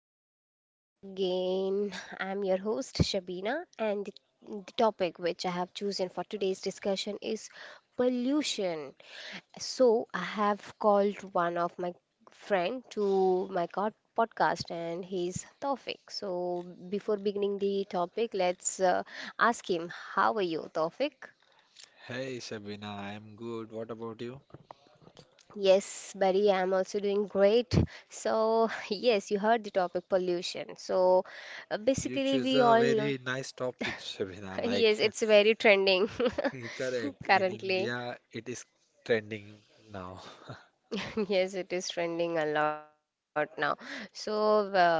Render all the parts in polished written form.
welcome to my podcast again. I'm your host, Shabina, and the topic which I have chosen for today's discussion is pollution. So, I have called one of my friend to my podcast, and he's Tawfiq. So, before beginning the topic, let's ask him, how are you, Tawfiq? Hey Shabina, I'm good. What about you? Yes, buddy, I'm also doing great. So, yes, you heard the topic pollution. So, uh, You basically, choose we a all know. very nice topic, Shabina. Yes, Like, it's very trending correct. In currently. India, it is trending now. Yes, it is trending a lot now. So, uh,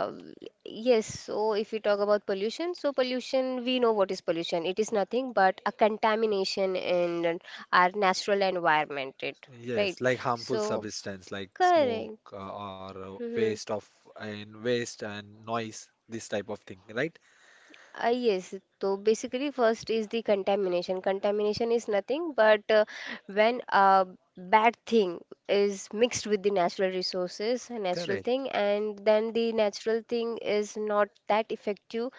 yes, so if we talk about pollution, so pollution, we know what is pollution. It is nothing but a contamination in our natural environment, it, right? Yes, like harmful So, substance like smoke correct. Or Mm-hmm. waste of and waste and noise, this type of thing, right? Yes, so basically, first is the contamination. Contamination is nothing but when a bad thing is mixed with the natural resources, a natural Correct, thing, and then the natural thing is not that effective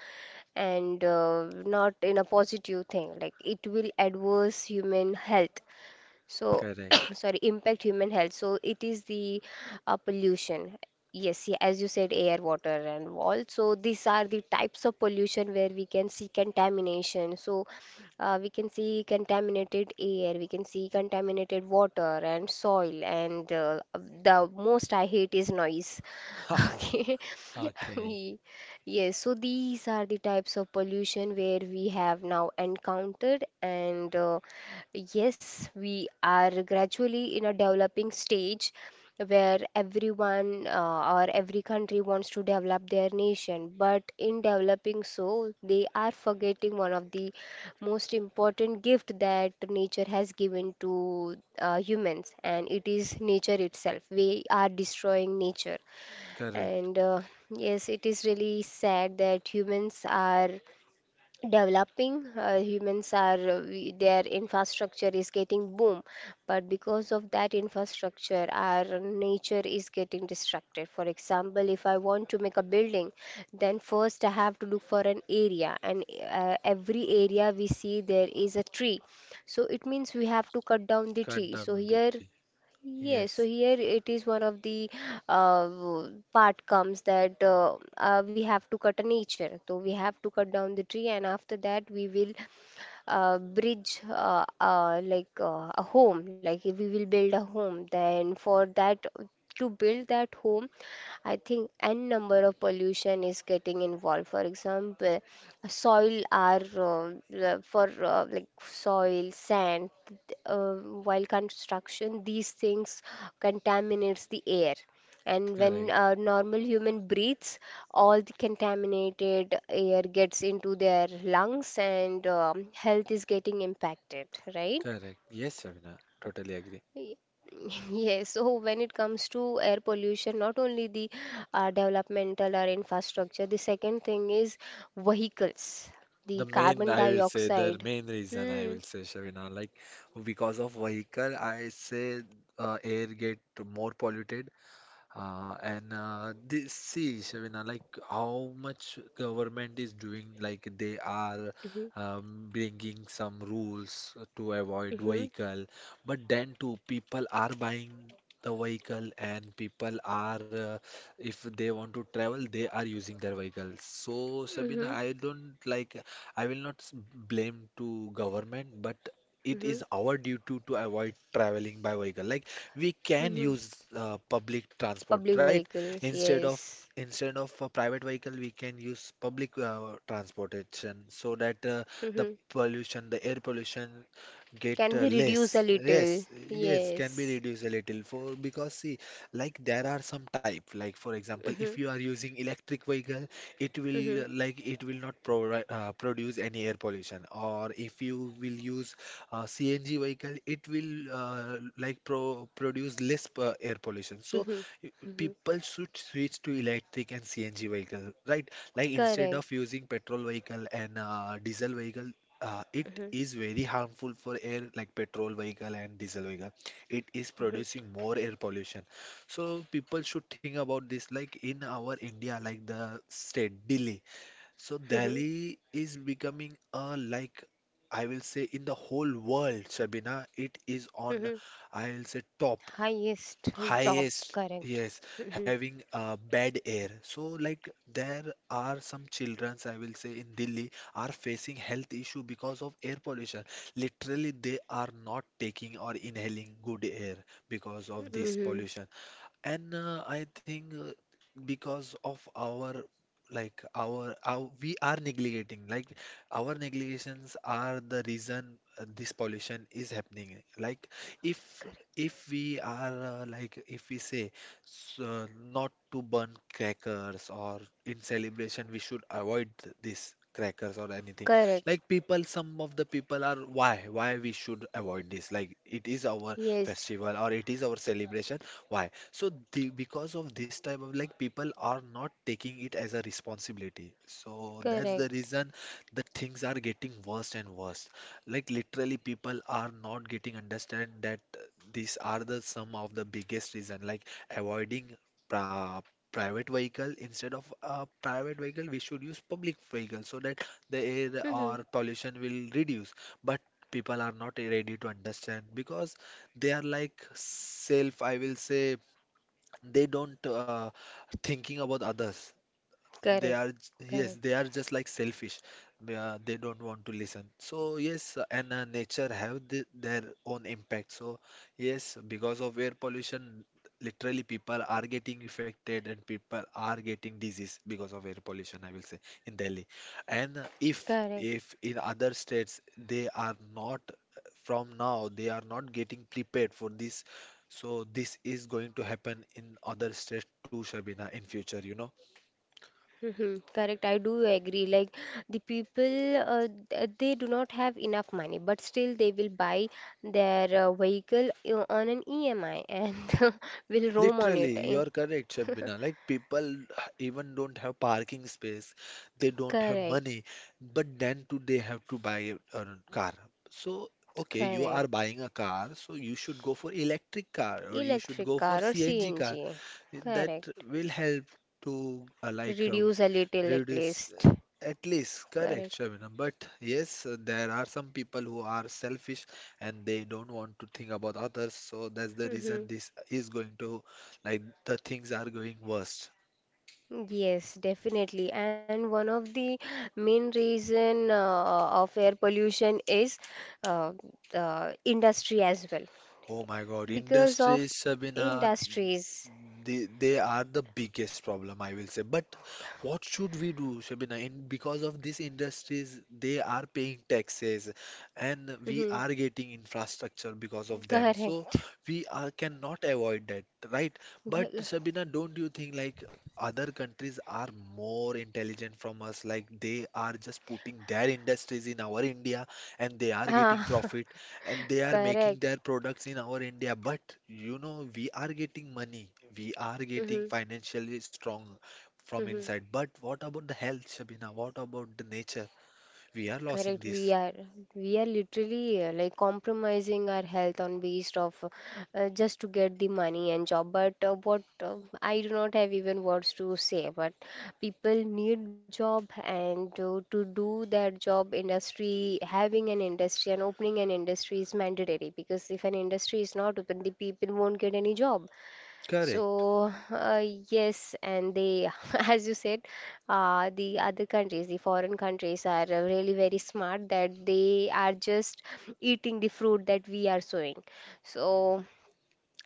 and not in a positive thing. Like it will adverse human health so correct. sorry impact human health so it is the pollution, yes, yeah, as you said air water and all so these are the types of pollution where we can see contamination so we can see contaminated air, we can see contaminated water and soil, and the most I hate is noise. Okay. Okay, Ye- yes, so these are the types of pollution where we have now encountered, and yes, we are gradually in a developing stage where everyone or every country wants to develop their nation. But in developing so, they are forgetting one of the most important gift that nature has given to humans, and it is nature itself. We are destroying nature, correct. and yes, it is really sad that humans are developing, their infrastructure is getting boom, but because of that infrastructure our nature is getting distracted. For example, if I want to make a building, then first I have to look for an area, and every area we see there is a tree, so it means we have to cut down the Cut tree. So down the here, tree. yes, so Yes, here it is one of the part comes that we have to cut a nature. So we have to cut down the tree, and after that we will bridge like a home, like if we will build a home then for that, to build that home, I think n number of pollution is getting involved. For example, soil are for like soil, sand. Uh, while construction, these things contaminates the air. And when correct, a normal human breathes, all the contaminated air gets into their lungs, and health is getting impacted, right? correct. Yes, Shabina, totally agree. Y- Yes, so when it comes to air pollution, not only the developmental or infrastructure, the second thing is vehicles, The the main, carbon I will say, the dioxide. main reason I Hmm. will say, Shavina, like because of vehicle, I say air get more polluted, and this, see, Shabina, like how much government is doing, like they are Mm-hmm. Bringing some rules to avoid Mm-hmm. vehicle, but then too people are buying the vehicle and people are, if they want to travel, they are using their vehicles. So, Mm-hmm. Shabina, I don't like, I will not blame to government, but it Mm-hmm. is our duty to avoid traveling by vehicle. Like we can Mm-hmm. use public transport, Public right? vehicles, Instead of yes. instead of a private vehicle, we can use public transportation so that the Mm-hmm. pollution, the air pollution, get Can be reduced a less. little. Yes, yes, can be Yes. reduced a little for because see, like there are some type. Like for example, if Mm-hmm. you are using electric vehicle, it will Mm-hmm. Like it will not provide produce any air pollution. Or if you will use CNG vehicle, it will like produce less air pollution. So Mm-hmm. y- Mm-hmm. people should switch to electric and CNG vehicle, right? Like instead Correct. of using petrol vehicle and diesel vehicle. It Mm-hmm. is very harmful for air like petrol vehicle and diesel vehicle. It is Mm-hmm. producing more air pollution. So people should think about this like in our India, like the state Delhi. So Mm-hmm. Delhi is becoming a like I will say in the whole world, Shabina, it is on, Mm-hmm. I'll say, top, Highest. Top. highest, Correct. yes, Mm-hmm. having bad air. So like there are some childrens I will say in Delhi are facing health issue because of air pollution. Literally they are not taking or inhaling good air because of this Mm-hmm. pollution. And I think because of our like our we are neglecting like our negligations are the reason this pollution is happening. Like if Correct. if we are like if we say not to burn crackers or in celebration we should avoid this crackers or anything. Correct. Like people, some of the people are, why we should avoid this? Like it is our Yes. festival or it is our celebration. Why? So the, because of this type of like people are not taking it as a responsibility. So that's the Correct. reason the things are getting worse and worse. Like literally people are not getting understand that these are the some of the biggest reason, like avoiding pra private vehicle, instead of a private vehicle we should use public vehicle so that the air Mm-hmm. or pollution will reduce. But people are not ready to understand because they are like self, I will say, they don't thinking about others, they are Correct. Yes, Correct. they are just like selfish. They don't want to listen, so yes, and nature have the, their own impact. So yes, because of air pollution literally people are getting affected and people are getting disease because of air pollution, I will say, in Delhi. And if Correct. if in other states they are not from now, they are not getting prepared for this, so this is going to happen in other states too, Shabina, in future. Mhm. Correct, I do agree. Like the people, they do not have enough money, but still they will buy their vehicle on an EMI and will roam on it. Literally, you Eh, are correct, Shabina. Like people even don't have parking space, they don't have correct, money, but then too they have to buy a car. So, okay, you correct. are buying a car, so you should go for electric car or you should Electric go for car or CNG car. CNG. That Correct. will help to To like reduce a little at reduce least. At least, Correct. correct, Shabina, but yes, there are some people who are selfish and they don't want to think about others, so that's the reason Hmm. this is going to, like, the things are going worse. Yes, definitely. And one of the main reason of air pollution is uh, the industry as well. Oh my God, Because of industries, Sabina, industries. they are the biggest problem, I will say. But what should we do, Shabina? In because of these industries, they are paying taxes, and we Mhm. are getting infrastructure because of them. So Correct. we are cannot avoid that, right? But Shabina, don't you think like other countries are more intelligent from us? Like they are just putting their industries in our India, and they are getting Ah, profit and they are making correct. their products in our India. But you know, we are getting money, we are getting Mhm. financially strong from Mhm. inside. But what about the health, Shabina? What about the nature? We are losing Correct, we this. are, we are literally like compromising our health on based of just to get the money and job. But what I do not have even words to say. But people need job, and to do that job, industry, having an industry and opening an industry is mandatory because if an industry is not open, the people won't get any job. Correct. So, yes, and they, as you said, the other countries, the foreign countries, are really very smart that they are just eating the fruit that we are sowing. So,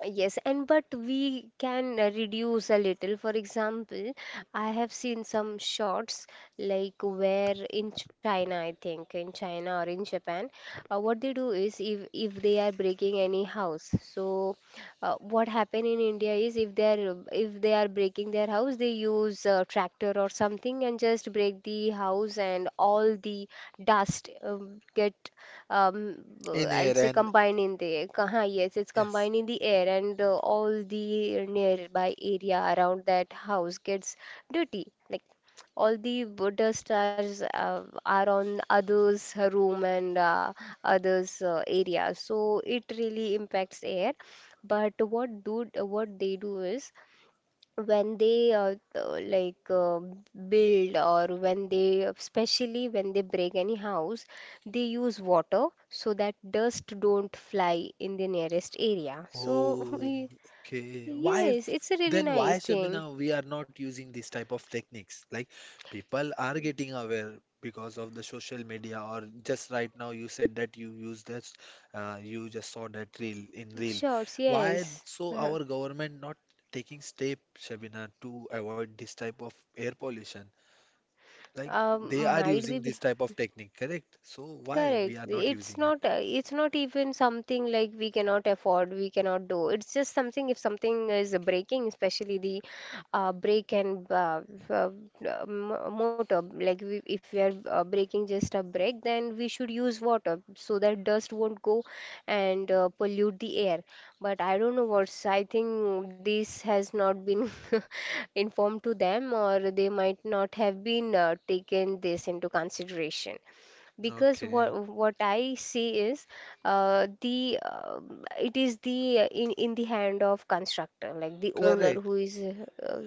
yes, and but we can reduce a little. For example, I have seen some shots like where in China, I think in China or in Japan, what they do is if they are breaking any house, so what happen in India is if they are breaking their house, they use a tractor or something and just break the house, and all the dust get um, In I'll air say, and combined in the yes, it's yes. combined in the air, and all the nearby area around that house gets dirty. Like all the dust are on others' room, and others' area, so it really impacts air. But what do, what they do is when they build, or when they, especially when they break any house, they use water so that dust don't fly in the nearest area, so Oh, we, okay. Why yes, it's a really then why, nice thing. Shabina, we are not using this type of techniques? Like people are getting aware because of the social media or just right now you said that you use this, you just saw that reel. Shorts, Why yes. so uh our government not taking step, Shabina, to avoid this type of air pollution? Like they um, are might using be. this type of technique, correct? So why we Correct. are not using it? It's not even something like we cannot afford, we cannot do. It's just something if something is breaking, especially the brake, and uh, m- motor, like we, if we are braking just a brake, then we should use water so that dust won't go and pollute the air. But I don't know what's, I think this has not been informed to them, or they might not have been taken this into consideration because Okay. what I see is the it is the in the hand of constructor, like the owner Correct. who is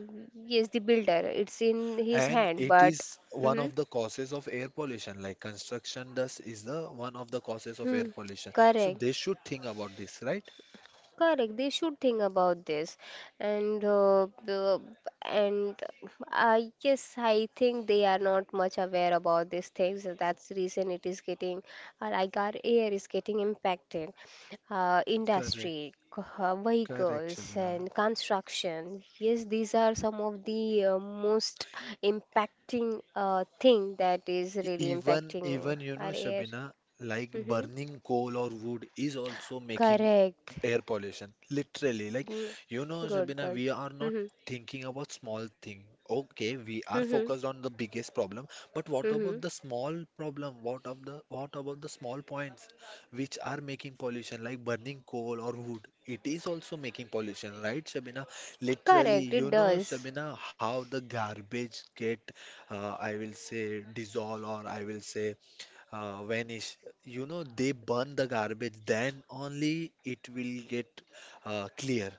yes, the builder, it's in his And hand it but, is one mhm. of the causes of air pollution, like construction dust is the one of the causes of air Hmm. pollution. So Correct. they should think about this, right? Correct. They should think about this, and the and I guess, I think they are not much aware about these things. That's the reason it is getting like our air is getting impacted. Uh, Correct, industry, c- uh, correct, vehicles, Shabina. and construction. Yes, these are some of the most impacting thing that is E- really Even, impacting even you know, our air. Shabina, like Hmm. burning coal or wood is also making Correct. air pollution. Literally, like Mm. you know, Good, Shabina, good. we are not Mm-hmm. thinking about small thing. Okay, we are Mm-hmm. focused on the biggest problem, but what Mm-hmm. about the small problem? What about the small points which are making pollution, like burning coal or wood? It is also making pollution, right, Shabina? Literally, Correct, it you know, does. Shabina, how the garbage get I will say dissolve or I will say vanish. You know, they burn the garbage, then only it will get clear.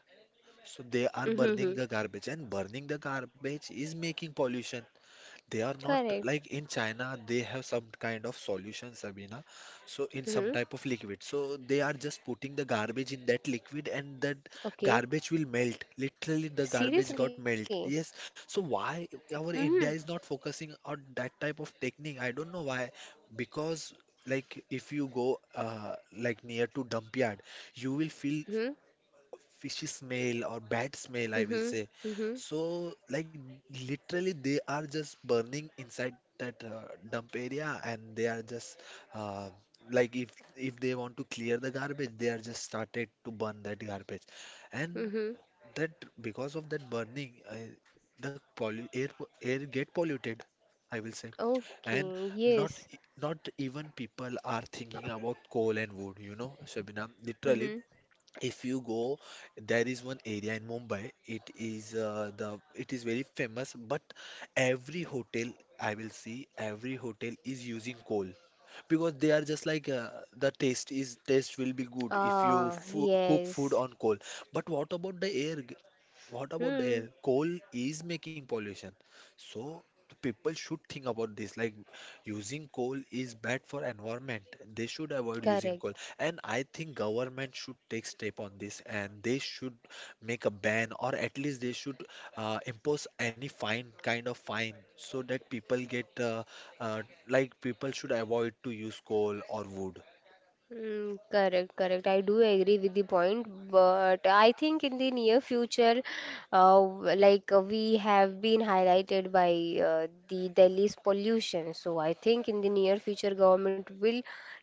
So they are burning Mm-hmm. the garbage, and burning the garbage is making pollution. They are not, Correct. like in China, they have some kind of solution, Sabina. So, in some Mm-hmm. type of liquid. So, they are just putting the garbage in that liquid and that Okay. garbage will melt. Literally, the garbage got Seriously? melt. Yes. So, why our Mm-hmm. India is not focusing on that type of technique? I don't know why. Because, like, if you go like near to dump yard, you will feel Mm-hmm. fishy smell or bad smell, I will Mm-hmm. say. Mm-hmm. So, like, literally, they are just burning inside that dump area, and they are just uh, like, if they want to clear the garbage, they are just started to burn that garbage, and Mm-hmm. that because of that burning, the pollu air air get polluted, I will say, and Okay, yes. Not even people are thinking about coal and wood, you know, Shabina. Literally, Mm-hmm. if you go, there is one area in Mumbai. It is, the it is very famous, but every hotel, I will see, every hotel is using coal because they are just like, the taste will be good if you Ah, fo cook food yes. on coal. But what about the air? What about the Hmm. air? Coal is making pollution. So the people should think about this. Like using coal is bad for environment. They should avoid using Correct. coal. And I think government should take step on this and they should make a ban, or at least they should impose any fine kind of fine so that people get, uh, like people should avoid to use coal or wood. Mm, correct, correct. I do agree with the point, but I think in the near future, we have been highlighted by the Delhi's pollution. So I think in the near future, government will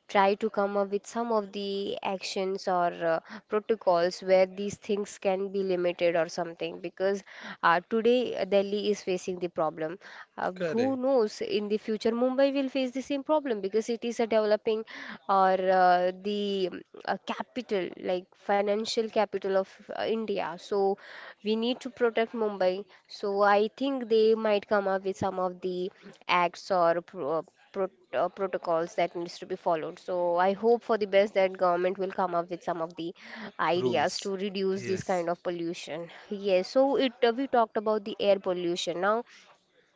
try to come up with some of the actions or protocols where these things can be limited or something because today Delhi is facing the problem. Who Correct. knows in the future Mumbai will face the same problem because it is a developing or the capital, like financial capital of India. So we need to protect Mumbai. So I think they might come up with some of the acts or protocols that needs to be followed. So I hope for the best that government will come up with some of the ideas Rules. to reduce this Yes. kind of pollution. Yes, so it we talked about the air pollution. Now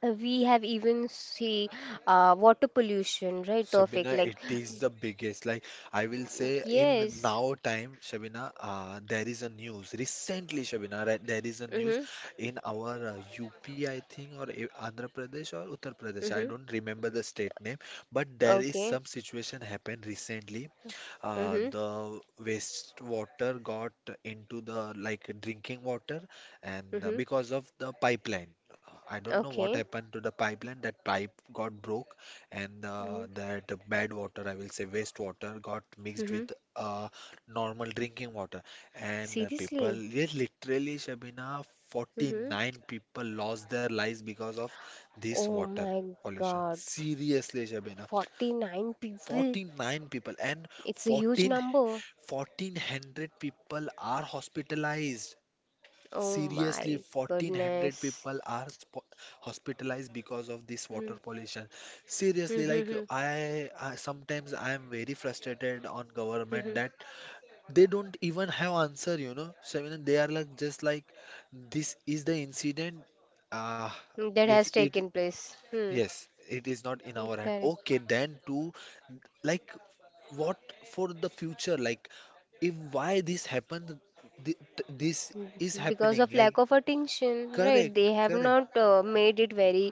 we have even see water pollution, right, Tawfiq? Shabina, Like, it is the biggest. Like, I will say, in yes. now time, Shabina, there is a news recently, Shabina, right, there is a news Mhm. in our UP, I think, or Andhra Pradesh or Uttar Pradesh. I Mhm. don't remember the state name, but there is Okay. some situation happened recently. Mhm. The wastewater got into the, like, drinking water and Mhm. because of the pipeline. I don't know what Okay. happened to the pipeline, that pipe got broke, and Mhm. that bad water, I will say wastewater, got mixed Mhm. with uh, normal drinking water, and people, Seriously? yes, literally, Shabina, Mhm. 49 people lost their lives because of this Oh water my God. pollution, seriously, Shabina. 49 people. 49 people, and It's a huge 14 number. 1400 people are hospitalized. Oh Seriously, my 1400 goodness. people are hospitalized because of this water Hmm. pollution. Hmm, Seriously, hmm, like hmm, I sometimes I am very frustrated on government hmm, that they don't even have answer. So they are like, just like, this is the incident. Uh, hmm. That it, has it taken place. Hmm. yes, it is not in our hand. Correct. Okay, then to, like, what for the future? Like, if why this happened, this is Because happening, of lack like, of attention, right? correct, They have correct. not made it very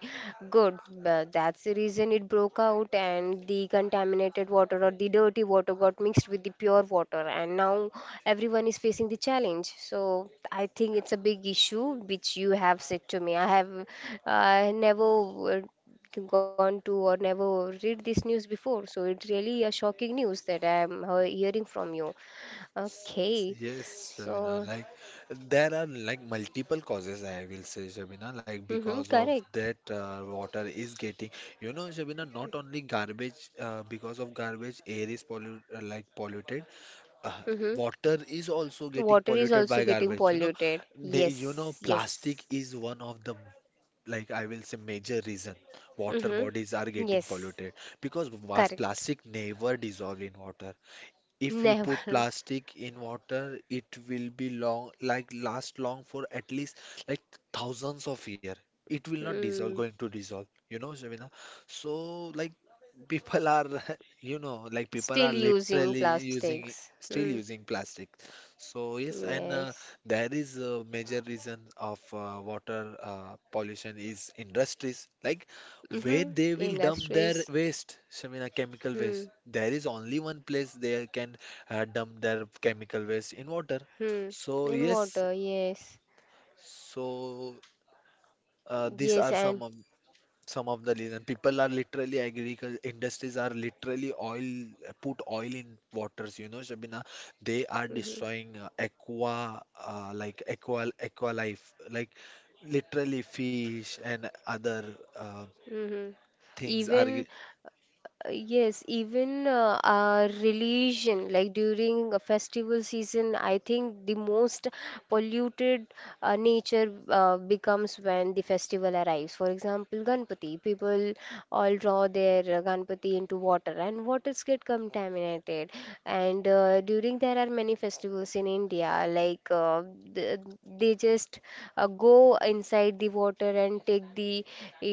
good, but that's the reason it broke out, and the contaminated water or the dirty water got mixed with the pure water, and now everyone is facing the challenge. So I think it's a big issue which you have said to me. I have never gone to or never read this news before, so it's really a shocking news that I am hearing from you. S- s- Okay, Yes, Shabina. so, Like there are like multiple causes, I will say, Shabina. Like mm-hmm, because of correct. that, water is getting. You know, Shabina. Not only garbage. Because of garbage, air is pollu like polluted. Uh, Mm-hmm. Water is also getting Water is polluted also by getting garbage. You know, polluted. They- you know, Yes, yes. plastic is one of the, like, I will say, major reason water bodies are Mm-hmm. getting Yes, polluted, because vast correct. plastic never dissolve in water. If you put Never. plastic in water, it will be long, like last long for at least, like, thousands of year. It will not dissolve, Mm. going to dissolve, you know, Shabina. So, like, people are, you know, like people Still are using literally using, plastics. still Mm. using plastic. So yes, and Yes. there is a major reason of water pollution is industries. Like where Mm-hmm. they will dump their Industries. waste, Shamina, chemical Hmm. waste. There is only one place they can dump their chemical waste, in water. Hmm. So And yes, water. Yes. so these are Yes, and. Some of the reason. People are literally, agriculture industries are literally oil put oil in waters. You know, Shabina, they are Mm-hmm. destroying, aqua life, like literally fish and other Mm-hmm. things are. Even, yes, even our religion, like during a festival season, I think the most polluted nature becomes when the festival arrives. For example, Ganpati, people all draw their Ganpati into water, and waters get contaminated, and during there are many festivals in India like th- they just go inside the water and take the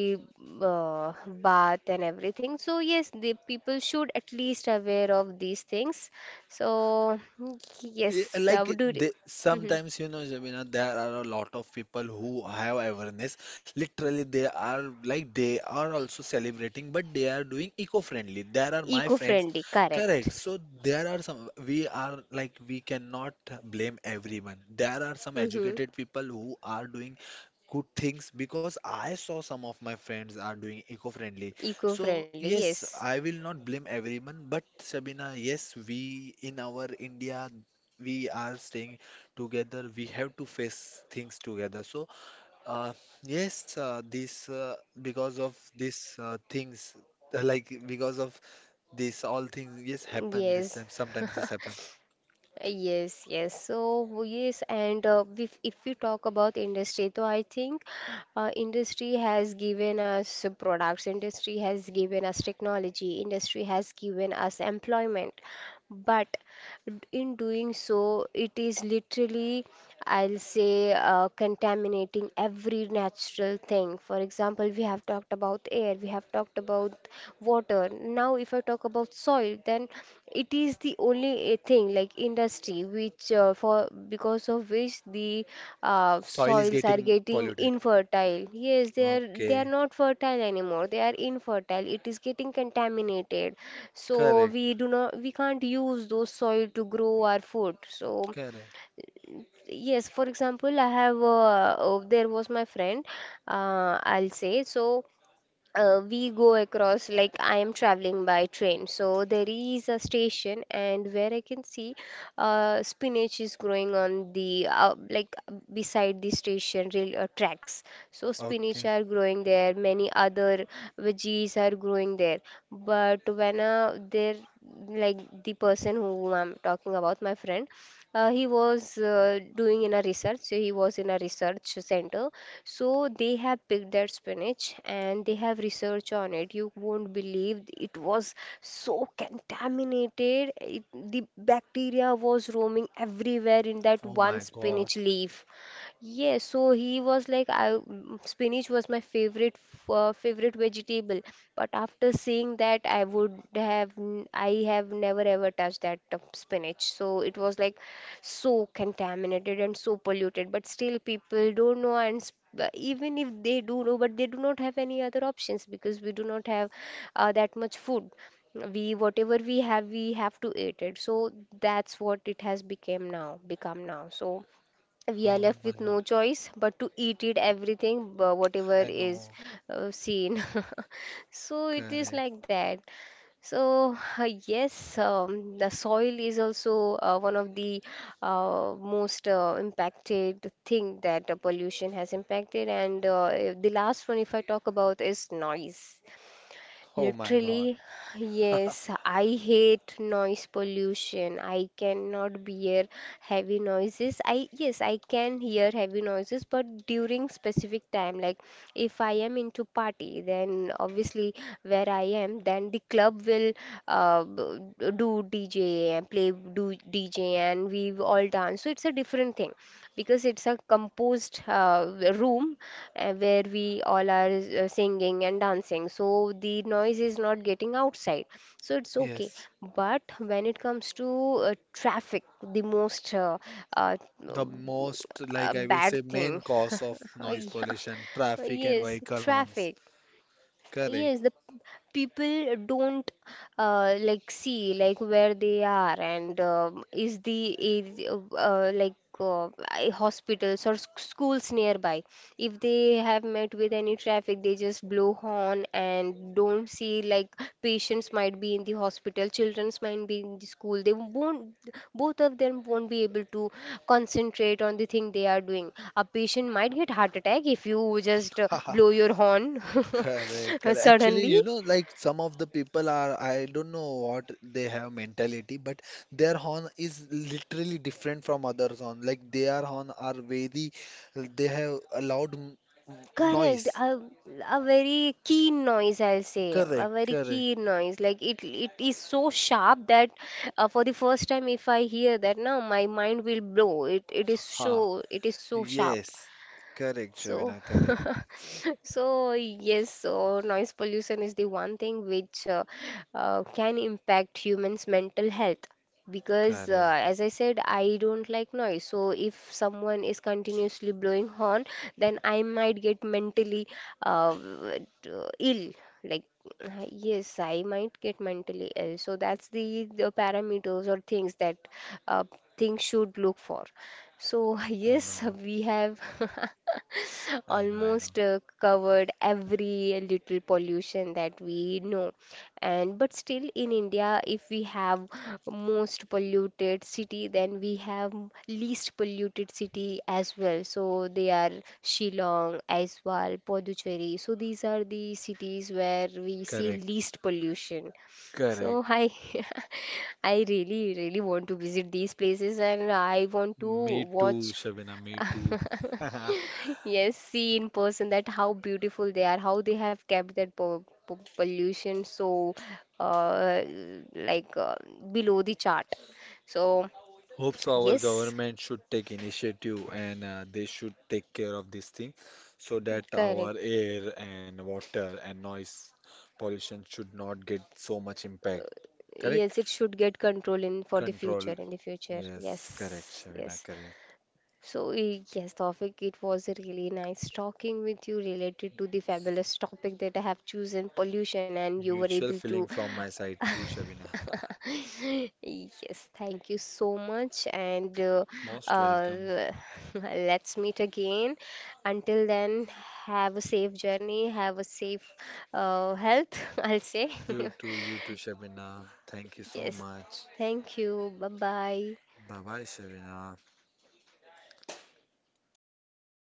eh, bath and everything. So yes, the people should at least aware of these things. So Yeah, yes, I would like do, they, mhm. sometimes, you know, Jamina, there are a lot of people who have awareness. Literally, they are like, they are also celebrating, but they are doing eco-friendly. There are my friends, Eco-friendly, correct. correct. So there are some, we are like, we cannot blame everyone. There are some Hmm. educated people who are doing good things, because I saw some of my friends are doing eco-friendly. So Eco-friendly, yes. yes, I will not blame everyone, but Sabina, yes, we in our India we are staying together, we have to face things together. So, uh, yes, this because of these things, like, because of this, all things, yes, happen this Yes. time. Sometimes this happen. Yes, yes. So yes, and if we talk about industry, so I think industry has given us products, industry has given us technology, industry has given us employment, but in doing so, it is literally, I'll say, contaminating every natural thing. For example, we have talked about air, we have talked about water. Now, if I talk about soil, then it is the only thing like industry, which for because of which the Soil is soils are getting getting polluted. infertile. Yes, they are they Okay, are not fertile anymore. They are infertile. It is getting contaminated, so correct, we do not we can't use those soil to grow our food. So correct. yes, for example, I have there was my friend. I'll say so we go across like I am traveling by train, so there is a station and where I can see spinach is growing on the like beside the station rail tracks, so Okay. spinach are growing there, many other veggies are growing there. But when there like the person who I'm talking about, my friend, he was doing in a research, so he was in a research center. So they have picked that spinach and they have research on it. You won't believe it was so contaminated. The bacteria was roaming everywhere in that Oh one my God. spinach leaf. Yes, so he was like, spinach was my favorite vegetable, but after seeing that, I have never ever touched that spinach. So it was like so contaminated and so polluted. But still, people don't know, and even if they do know, but they do not have any other options, because we do not have that much food. We whatever we have to eat it. So that's what it has become now. So we are Oh left my with God. no choice but to eat it everything whatever I is know. Seen. So it is Correct. like that. So yes, the soil is also one of the most impacted thing that pollution has impacted. And the last one, if I talk about, is noise. Oh my God. Literally, yes, I hate noise pollution. I cannot bear heavy noises. I yes, I can hear heavy noises, but during specific time, like if I am into party, then obviously where I am, then the club will do DJ and play do DJ and we all dance. So it's a different thing, because it's a composed room where we all are singing and dancing. So the noise is not getting outside. So it's okay. Yes. But when it comes to traffic, the most uh, The most, like I will bad say, main thing. cause of noise Yeah. pollution, traffic and Yes, vehicle horns. traffic. Correct. Yes, people don't like see like where they are, and is the is, like I- hospitals or schools nearby. If they have met with any traffic, they just blow horn and don't see like patients might be in the hospital, children's might be in the school. They won't, both of them won't be able to concentrate on the thing they are doing. A patient might get heart attack if you just blow your horn Correct, correct. Actually, you suddenly. know, like some of the people are, I don't know what they have mentality, but their horn is literally different from others' horn. Like their horn are very, they have a loud Correct. noise. A very keen noise, I'll say. A Correct, very correct. keen noise. Like it is so sharp that for the first time, if I hear that now, my mind will blow. Ha, It is so sharp. yes. Correct, So, Shavina, correct, so yes, so noise pollution is the one thing which can impact humans' mental health. Because, correct. as I said, I don't like noise. So, if someone is continuously blowing horn, then I might get mentally ill. Like, yes, I might get mentally ill. So, that's the parameters or things that uh, things should look for. So, I yes, know, we have I know, I know. almost covered every little pollution that we know. And but still in India, if we have most polluted city, then we have least polluted city as well. So they are Shillong, Aiswal, Puducherry. So these are the cities where we see Correct, least pollution. correct. So I I really really want to visit these places, and I want to Me too, watch Shabina, me too. yes, see in person that how beautiful they are, how they have kept that po po pollution so uh, like uh, below the chart. So Hopes our yes, government should take initiative and they should take care of this thing so that correct, our air and water and noise pollution should not get so much impact. Correct? yes, it should get control in for the future Control. in the future. Yes, Yes, correct, yes. Shabina, correct. So, eh, yes, Tawfiq, it was really nice talking with you related to the fabulous topic that I have chosen, pollution, and you were able Mutual to. feeling from my side too, Shabina. Yes, thank you so much, and Most welcome. uh, let's meet again. Until then, have a safe journey, have a safe health, I'll say. You too, Shabina. Thank you so Yes, much. thank you. Bye bye. Bye bye, Shabina.